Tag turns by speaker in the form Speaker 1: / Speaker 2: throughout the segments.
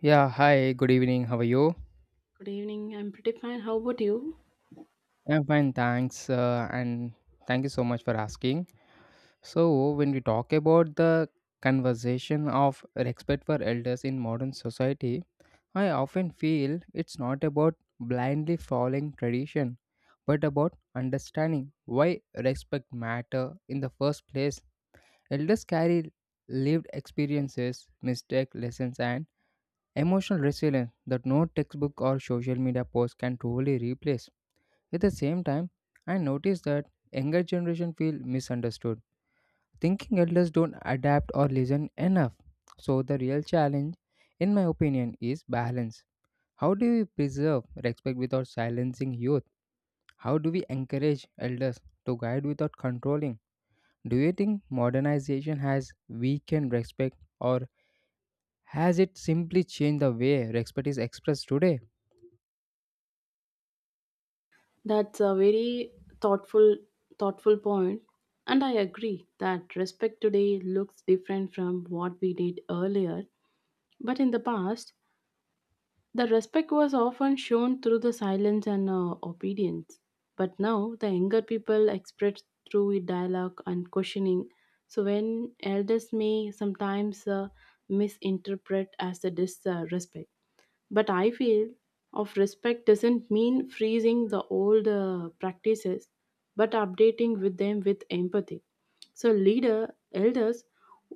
Speaker 1: Yeah, hi, good evening. How are you?
Speaker 2: Good evening. I'm pretty fine. How about you?
Speaker 1: I'm fine, thanks. And thank you so much for asking. So, when we talk about the conversation of respect for elders in modern society, I often feel it's not about blindly following tradition, but about understanding why respect matter in the first place. Elders carry lived experiences, mistake lessons, and emotional resilience that no textbook or social media post can truly replace. At the same time, I notice that younger generation feel misunderstood, thinking elders don't adapt or listen enough. So the real challenge, in my opinion, is balance. How do we preserve respect without silencing youth? How do we encourage elders to guide without controlling? Do you think modernization has weakened respect or has it simply changed the way respect is expressed today?
Speaker 2: That's a very thoughtful, thoughtful point, and I agree that respect today looks different from what we did earlier. But in the past, the respect was often shown through the silence and obedience. But now, the younger people express through dialogue and questioning. So when elders may sometimes misinterpret as a disrespect. But I feel of respect doesn't mean freezing the old practices, but updating with them with empathy. So leader elders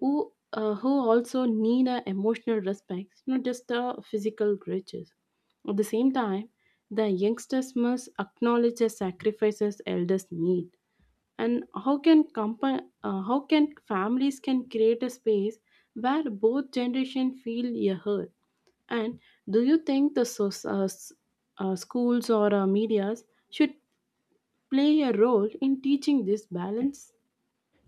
Speaker 2: who also need a emotional respect, not just the physical riches. At the same time, the youngsters must acknowledge the sacrifices elders made and how can how can families can create a space where both generation feel a heard and do you think the schools or medias should play a role in teaching this balance.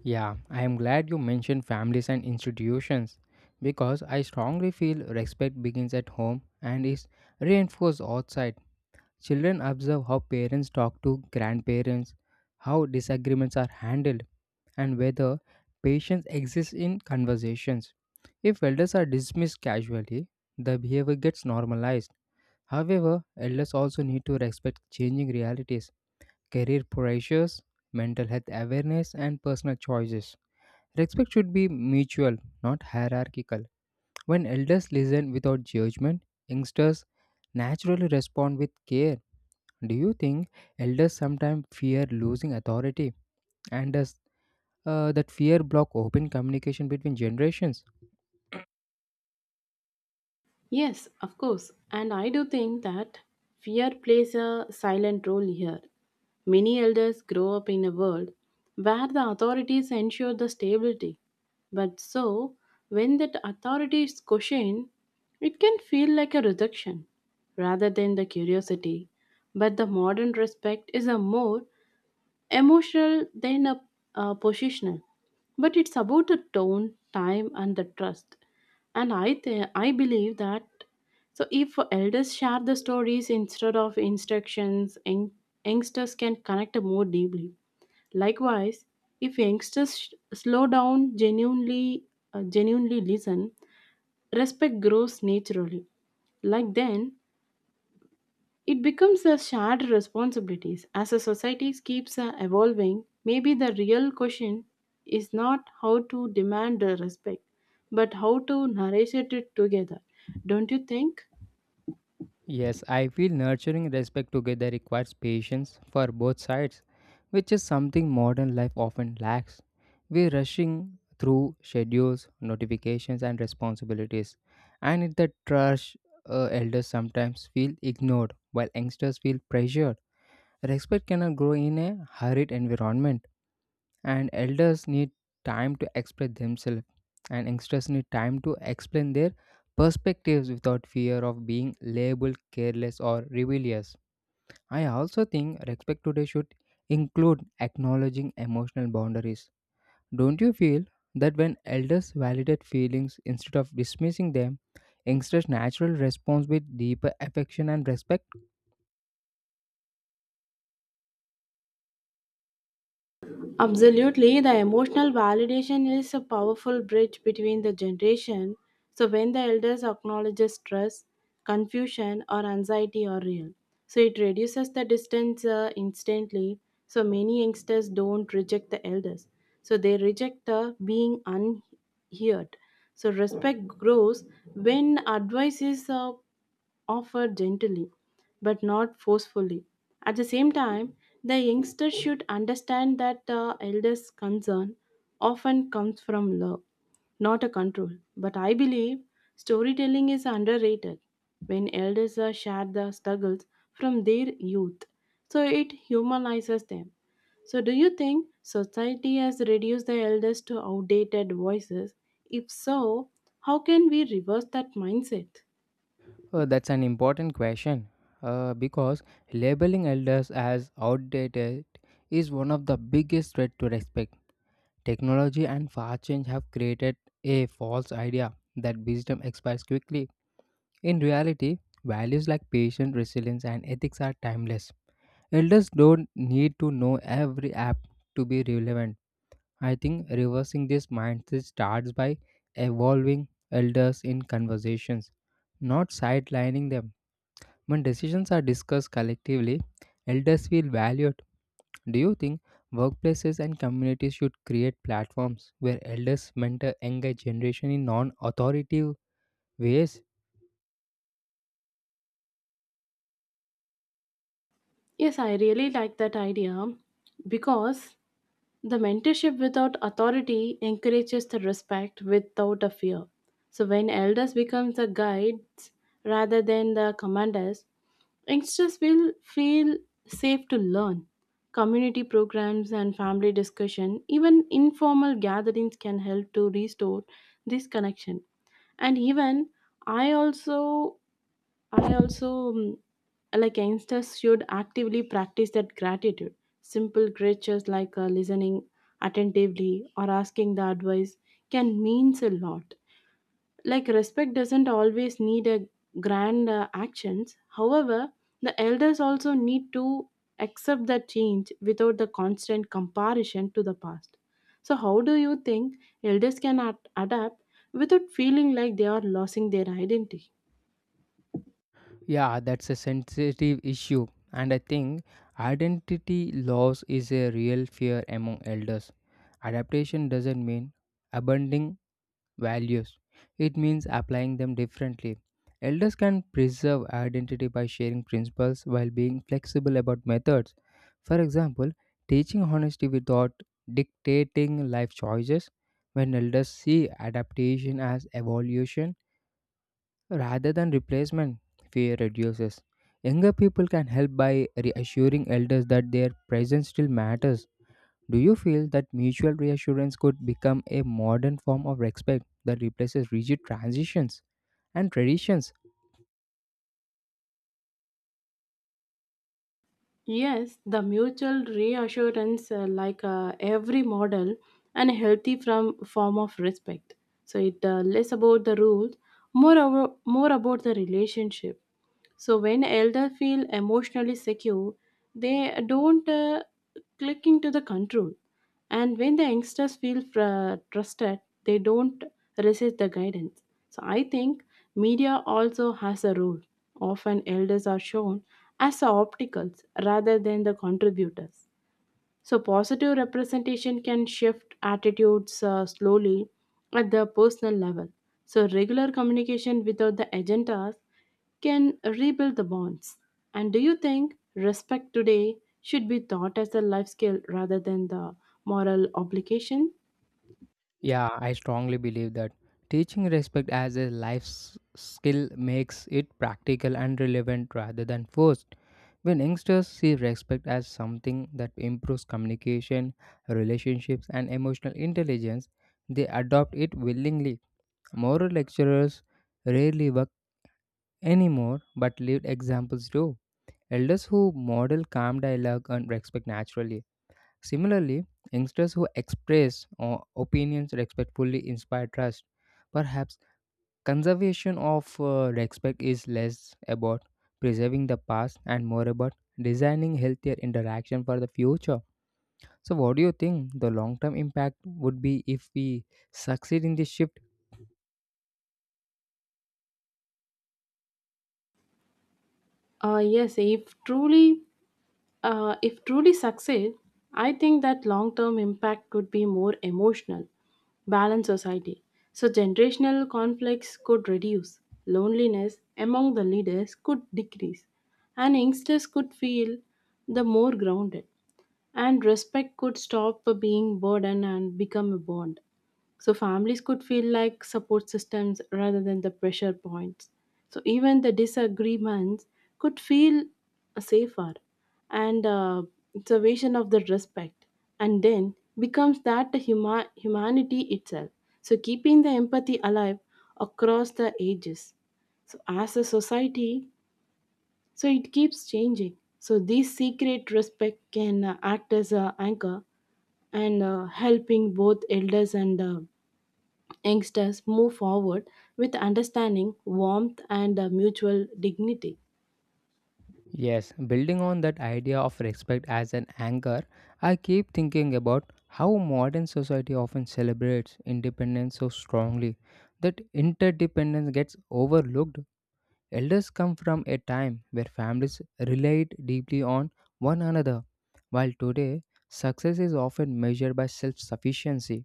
Speaker 1: Yeah, I am glad you mentioned families and institutions because I strongly feel respect begins at home and is reinforced outside. Children observe how parents talk to grandparents, how disagreements are handled, and whether patience exists in conversations. If elders are dismissed casually, the behavior gets normalized. However, elders also need to respect changing realities, career pressures, mental health awareness, and personal choices. Respect should be mutual, not hierarchical. When elders listen without judgment, youngsters naturally respond with care. Do you think elders sometimes fear losing authority and does that fear block open communication between generations?
Speaker 2: Yes, of course. And I do think that fear plays a silent role here. Many elders grow up in a world where the authorities ensure the stability. But so, when that authority is questioned, it can feel like a rejection rather than the curiosity. But the modern respect is a more emotional than a positional, but it's about the tone time and the trust, and I believe that so if elders share the stories instead of instructions youngsters can connect more deeply. Likewise, if slow down genuinely, genuinely listen, respect grows naturally, like then it becomes a shared responsibility. As a society keeps evolving, maybe the real question is not how to demand the respect, but how to nourish it together. Don't you think?
Speaker 1: Yes, I feel nurturing respect together requires patience for both sides, which is something modern life often lacks. We're rushing through schedules, notifications, and responsibilities, and in the rush, elders sometimes feel ignored while youngsters feel pressured. Respect cannot grow in a hurried environment and elders need time to express themselves and youngsters need time to explain their perspectives without fear of being labeled careless or rebellious. I also think respect today should include acknowledging emotional boundaries. Don't you feel that when elders validate feelings instead of dismissing them, youngsters natural response with deeper affection and respect?
Speaker 2: Absolutely, the emotional validation is a powerful bridge between the generation. So when the elders acknowledges stress, confusion, or anxiety are real, so it reduces the distance instantly. So many youngsters don't reject the elders, so they reject the being unheard. So respect grows when advice is offer gently but not forcefully. At the same time, the youngster should understand that the elder's concern often comes from love, not a control. But I believe storytelling is underrated when elders are share the struggles from their youth. So it humanizes them. So do you think society has reduced the elders to outdated voices? If so, how can we reverse that mindset?
Speaker 1: That's an important question because labeling elders as outdated is one of the biggest threats to respect. Technology and fast change have created a false idea that wisdom expires quickly. In reality, values like patience, resilience, and ethics are timeless. Elders don't need to know every app to be relevant. I think reversing this mindset starts by evolving elders in conversations, not sidelining them. When decisions are discussed collectively, elders feel valued. Do you think workplaces and communities should create platforms where elders mentor younger generation in non-authoritative ways?
Speaker 2: Yes, I really like that idea because the mentorship without authority encourages the respect without a fear. So when elders become the guides rather than the commanders, youngsters will feel safe to learn. Community programs and family discussion, even informal gatherings can help to restore this connection. And even I also I also like youngsters should actively practice that gratitude. Simple gestures like listening attentively or asking the advice can means a lot, like respect doesn't always need a grand actions. However, the elders also need to accept the change without the constant comparison to the past. So how do you think elders can adapt without feeling like they are losing their identity?
Speaker 1: Yeah, that's a sensitive issue, and I think identity loss is a real fear among elders. Adaptation doesn't mean abandoning values. It means applying them differently. Elders can preserve identity by sharing principles while being flexible about methods. For example, teaching honesty without dictating life choices. When elders see adaptation as evolution rather than replacement, fear reduces. Younger people can help by reassuring elders that their presence still matters. Do you feel that mutual reassurance could become a modern form of respect that replaces rigid transitions and traditions?
Speaker 2: Yes, the mutual reassurance, like every model, and a healthy from form of respect. So it less about the rules, more about the relationship. So when elder feel emotionally secure, they don't click into the control. And when the youngsters feel trusted, they don't resist the guidance. So I think media also has a role. Often elders are shown as the obstacles rather than the contributors. So, positive representation can shift attitudes slowly at the personal level. So, regular communication without the agendas can rebuild the bonds. And do you think respect today should be taught as a life skill rather than the moral obligation?
Speaker 1: Yeah, I strongly, believe that teaching respect as a skill makes it practical and relevant rather than forced. When youngsters see respect as something that improves communication, relationships, and emotional intelligence, they adopt it willingly. Moral lecturers rarely work anymore, but lived examples do. Elders who model calm dialogue and respect naturally. Similarly, youngsters who express opinions respectfully inspire trust. Perhaps conservation of respect is less about preserving the past and more about designing healthier interaction for the future. So, what do you think the long term impact would be if we succeed in this shift?
Speaker 2: Uh, yes, if truly if truly succeed, I think that long term impact could be more emotional, balanced society. So, generational conflicts could reduce, loneliness among the leaders could decrease, and youngsters could feel the more grounded, and respect could stop being burden and become a bond. So families could feel like support systems rather than the pressure points. So even the disagreements could feel safer, and it's a vision of the respect and then becomes that humanity itself. So keeping the empathy alive across the ages, so as a society, so it keeps changing. So this secret respect can act as a anchor and helping both elders and youngsters move forward with understanding, warmth, and mutual dignity.
Speaker 1: Yes, building on that idea of respect as an anchor, I keep thinking about how modern society often celebrates independence so strongly that interdependence gets overlooked. Elders come from a time where families relied deeply on one another, while today success is often measured by self sufficiency.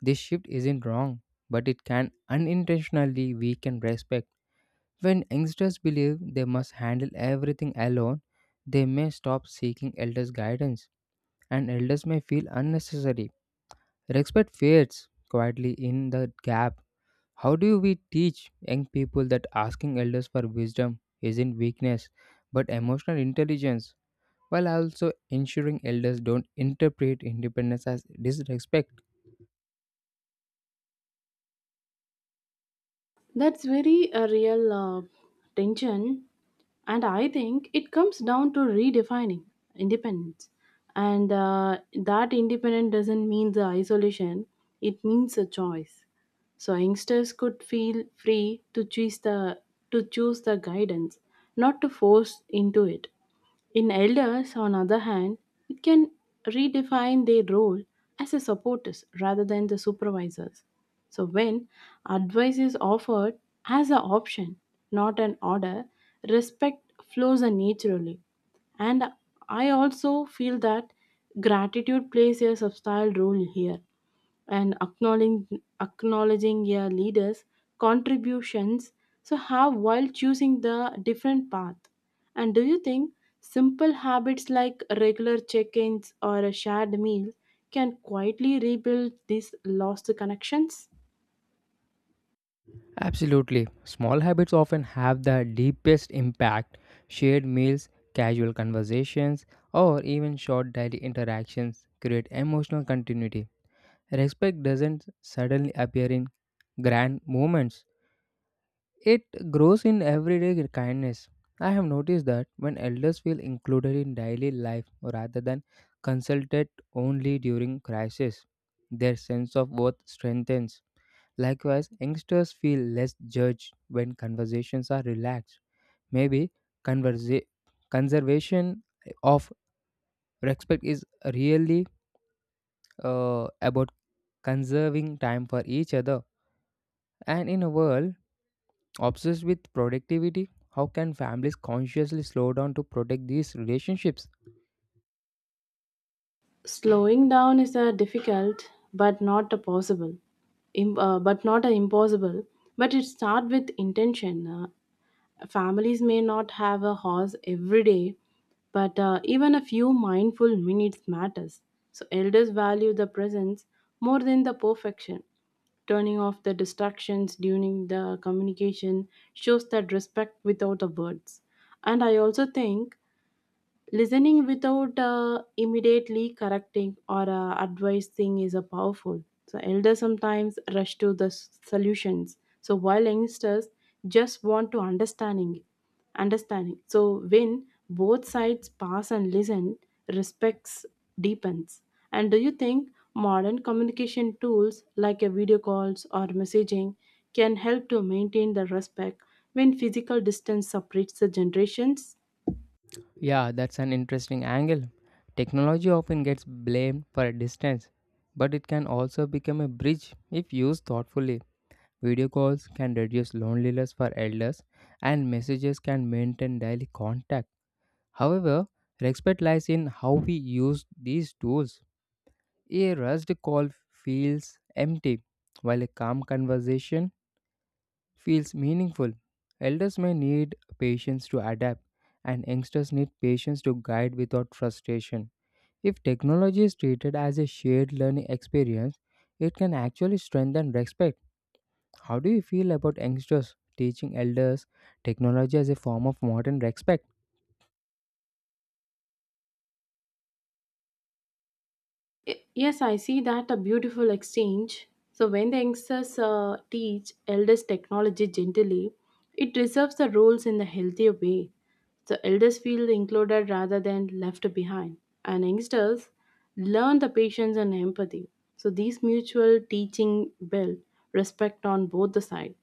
Speaker 1: This shift isn't wrong, but it can unintentionally weaken respect when youngsters believe they must handle everything alone, they may stop seeking elders' guidance, and elders may feel unnecessary. Respect fades quietly in the gap. How do we teach young people that asking elders for wisdom isn't weakness but emotional intelligence, while also ensuring elders don't interpret independence as disrespect?
Speaker 2: That's very a real tension, and I think it comes down to redefining independence. And that independence doesn't mean the isolation; it means a choice. So youngsters could feel free to choose the guidance, not to force into it. In elders on other hand, it can redefine their role as a supporters rather than the supervisors. So when advice is offered as an option, not an order, respect flows naturally. And I also feel that gratitude plays a substantial role here, and acknowledging your leaders contributions. So how while choosing the different path. And do you think simple habits like regular check-ins or a shared meal can quietly rebuild these lost connections?
Speaker 1: Absolutely. Small habits often have the deepest impact. Shared meals, casual conversations, or even short daily interactions create emotional continuity. Respect doesn't suddenly appear in grand moments. It grows in everyday kindness. I have noticed that when elders feel included in daily life rather than consulted only during crisis, their sense of worth strengthens. Likewise, youngsters feel less judged when conversations are relaxed. Maybe conversa- conservation of respect is really about conserving time for each other. And in a world obsessed with productivity, how can families consciously slow down to protect these relationships?
Speaker 2: Slowing down is a difficult, but not a possible, but not a impossible. But it start with intention. Families may not have a horse every day, but even a few mindful minutes matters. So elders value the presence more than the perfection. Turning off the distractions during the communication shows that respect without the words. And I also think listening without immediately correcting or advising is a powerful. So elders sometimes rush to the solutions. So while youngsters just want to understanding. So when both sides pass and listen, respects deepens. And do you think modern communication tools like a video calls or messaging can help to maintain the respect when physical distance separates the generations?
Speaker 1: Yeah, that's an interesting angle. Technology often gets blamed for a distance, but it can also become a bridge if used thoughtfully. Video calls can reduce loneliness for elders, and messages can maintain daily contact. However, respect lies in how we use these tools. A rushed call feels empty, while a calm conversation feels meaningful. Elders may need patience to adapt, and youngsters need patience to guide without frustration. If technology is treated as a shared learning experience, it can actually strengthen respect. How do you feel about youngsters teaching elders technology as a form of modern respect?
Speaker 2: Yes, I see that a beautiful exchange. So when the youngsters teach elders technology gently, it reserves the roles in the healthier way. The elders feel included rather than left behind, and youngsters learn the patience and empathy. So these mutual teaching build respect on both the sides,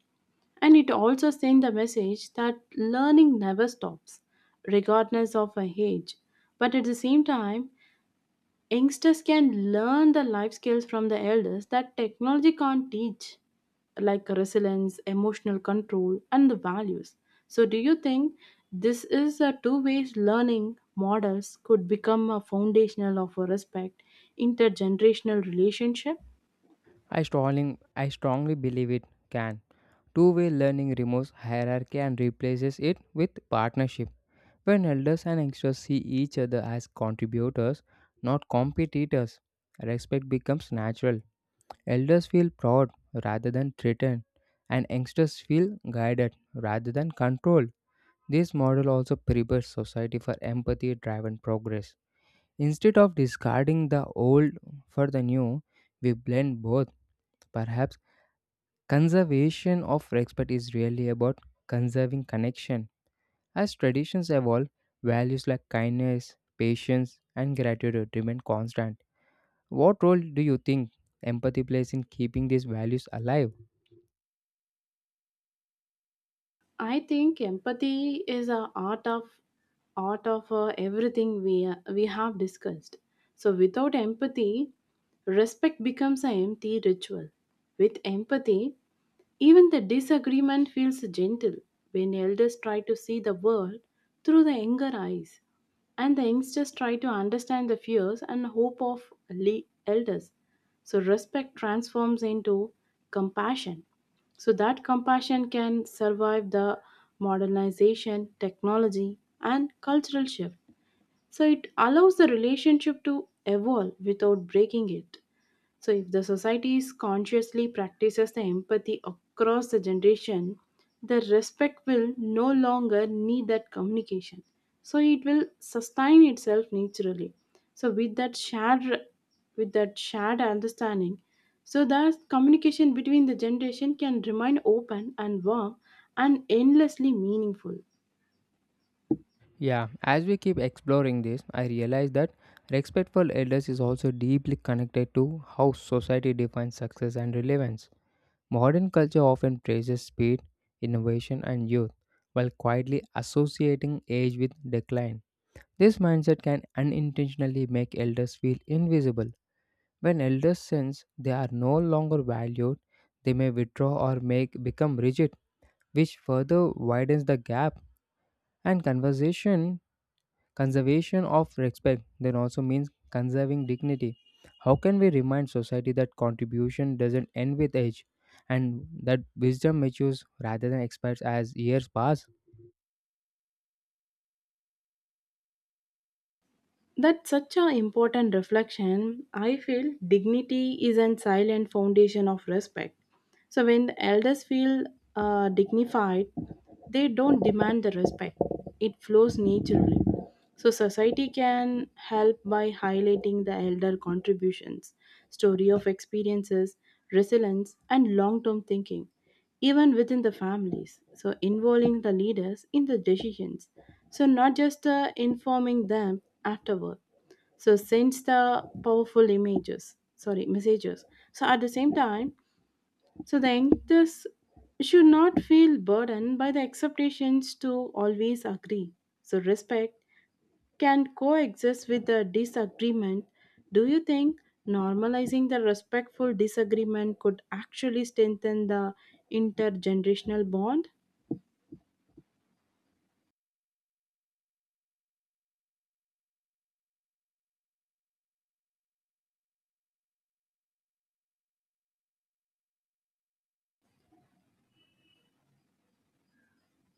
Speaker 2: and it also sends the message that learning never stops, regardless of our age. But at the same time, youngsters can learn the life skills from the elders that technology can't teach, like resilience emotional control and the values. So do you think this is a two-way learning models could become a foundational of a respect intergenerational relationship?
Speaker 1: I strongly believe it can. Two-way learning removes hierarchy and replaces it with partnership. When elders and youngsters see each other as contributors, not competitors, respect becomes natural. Elders feel proud rather than threatened, and youngsters feel guided rather than controlled. This model also prepares society for empathy driven progress. Instead of discarding the old for the new, we blend both. Perhaps conservation of respect is really about conserving connection. As traditions evolve, values like kindness, patience, and gratitude remain constant. What role do you think empathy plays in keeping these values alive?
Speaker 2: I think empathy is a art of everything we have discussed. So without empathy, respect becomes an empty ritual. With empathy, even the disagreement feels gentle when elders try to see the world through the younger eyes, and the youngsters try to understand the fears and hope of elders. So, respect transforms into compassion. So, that compassion can survive the modernization, technology, and cultural shift. So, it allows the relationship to evolve without breaking it. So, if the society is consciously practices the empathy across the generation, the respect will no longer need that communication. So, it will sustain itself naturally. So, with that shared understanding, so that communication between the generation can remain open and warm and endlessly meaningful.
Speaker 1: Yeah, as we keep exploring this, I realize that respect for elders is also deeply connected to how society defines success and relevance. Modern culture often praises speed, innovation, and youth, while quietly associating age with decline. This mindset can unintentionally make elders feel invisible. When elders sense they are no longer valued, they may withdraw or make become rigid, which further widens the gap. And conservation of respect then also means conserving dignity. How can we remind society that contribution doesn't end with age and that wisdom matures rather than expires as years pass?
Speaker 2: That's such an important reflection. I feel dignity is a silent foundation of respect. So when the elders feel dignified, they don't demand the respect. It flows naturally. So society can help by highlighting the elder contributions, story of experiences, resilience, and long-term thinking even within the families. So, involving the leaders in the decisions. So, not just informing them afterward. So, sends the powerful images, sorry, messages. So, at the same time, so the youngsters should not feel burdened by the expectations to always agree. So, respect can coexist with the disagreement. Do you think normalizing the respectful disagreement could actually strengthen the intergenerational bond?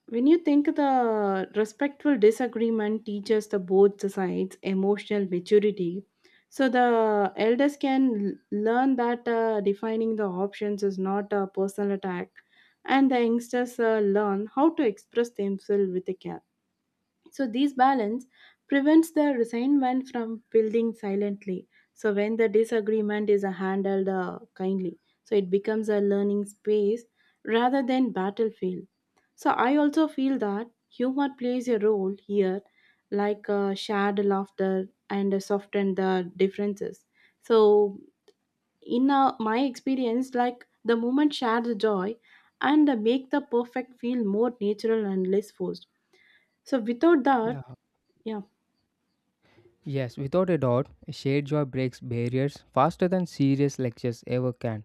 Speaker 2: When you think the respectful disagreement teaches the both the sides emotional maturity, so the elders can learn that defining the options is not a personal attack, and the youngsters learn how to express themselves with a care. So this balance prevents the resentment from building silently. So when the disagreement is handled kindly, so it becomes a learning space rather than battlefield. So I also feel that humor plays a role here, like shared laughter and soften the differences. So in my experience, like the moment shared joy and make the perfect feel more natural and less forced. So without
Speaker 1: Yeah.
Speaker 2: that, yeah,
Speaker 1: Yes, without a doubt, shared joy breaks barriers faster than serious lectures ever can.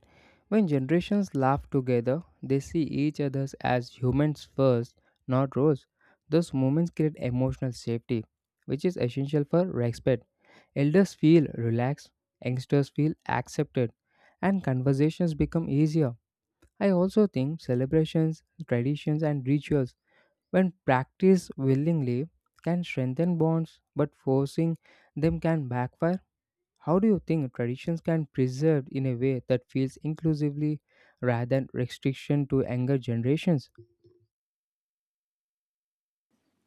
Speaker 1: When generations laugh together, they see each other as humans first, not roles. Those moments create emotional safety, which is essential for respect. Elders feel relaxed, youngsters feel accepted, and conversations become easier. I also think celebrations, traditions, and rituals when practiced willingly can strengthen bonds, but forcing them can backfire. How do you think traditions can preserved in a way that feels inclusively rather than restriction to younger generations?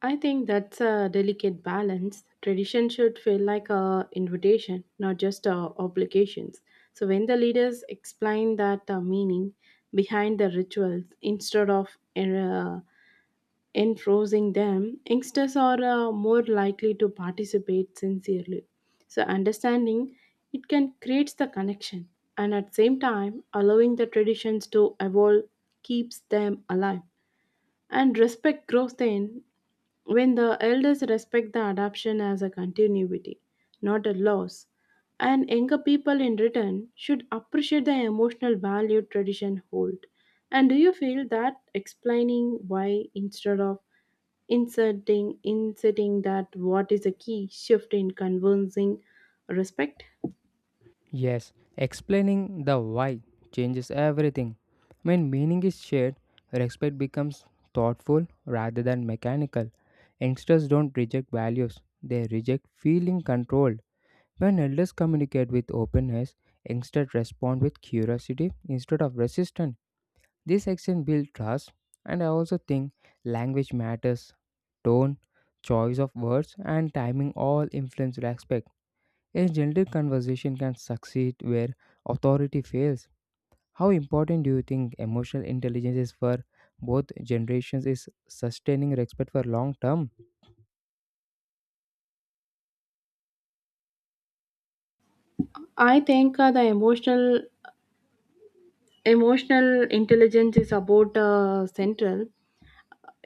Speaker 2: I think that's a delicate balance. Tradition should feel like a invitation, not just obligations. So when the leaders explain that meaning behind the rituals instead of uh, enforcing them, youngsters are more likely to participate sincerely. So understanding it can create the connection and at the same time allowing the traditions to evolve keeps them alive. And respect grows then when the elders respect the adoption as a continuity, not a loss. And younger people in return should appreciate the emotional value tradition hold. And do you feel that explaining why instead of inserting that what is a key shift in convincing respect?
Speaker 1: Yes, explaining the why changes everything. When meaning is shared, respect becomes thoughtful rather than mechanical. Youngsters don't reject values, they reject feeling controlled. When elders communicate with openness, youngsters respond with curiosity instead of resistance. This action builds trust, and I also think language matters. Tone, choice of words, and timing all influence respect. A gentle conversation can succeed where authority fails. How important do you think emotional intelligence is for both generations is sustaining respect for long term?
Speaker 2: I think the emotional intelligence is about central.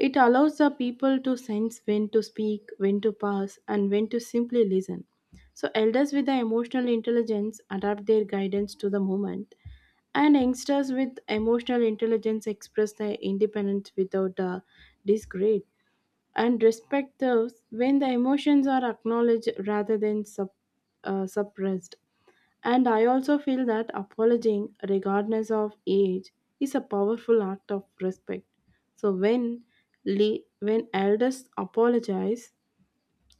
Speaker 2: It allows the people to sense when to speak, when to pass, and when to simply listen. So, elders with the emotional intelligence adapt their guidance to the moment, and youngsters with emotional intelligence express their independence without discredit and respect those when the emotions are acknowledged rather than suppressed. And I also feel that apologizing, regardless of age, is a powerful act of respect. So when elders apologize,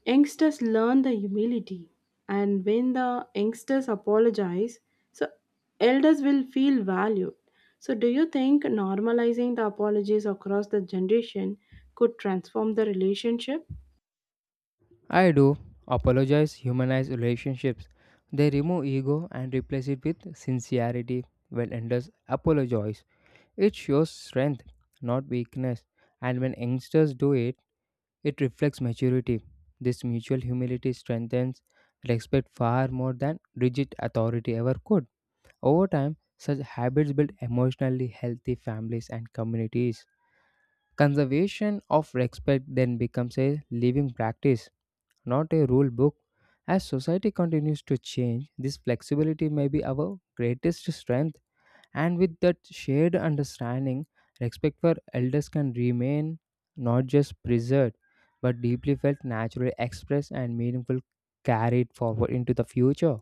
Speaker 2: youngsters learn the humility, and when the youngsters apologize, so elders will feel valued. So do you think normalizing the apologies across the generation could transform the relationship?
Speaker 1: I do. Apologize humanize relationships. They remove ego and replace it with sincerity. When elders apologize, it shows strength, not weakness. And when youngsters do it, it reflects maturity. This mutual humility strengthens respect far more than rigid authority ever could. Over time, such habits build emotionally healthy families and communities. Conservation of respect then becomes a living practice not a rule book. As society continues to change, this flexibility may be our greatest strength, and with that shared understanding, respect for elders can remain not just preserved but deeply felt, naturally expressed, and meaningful carried forward into the future.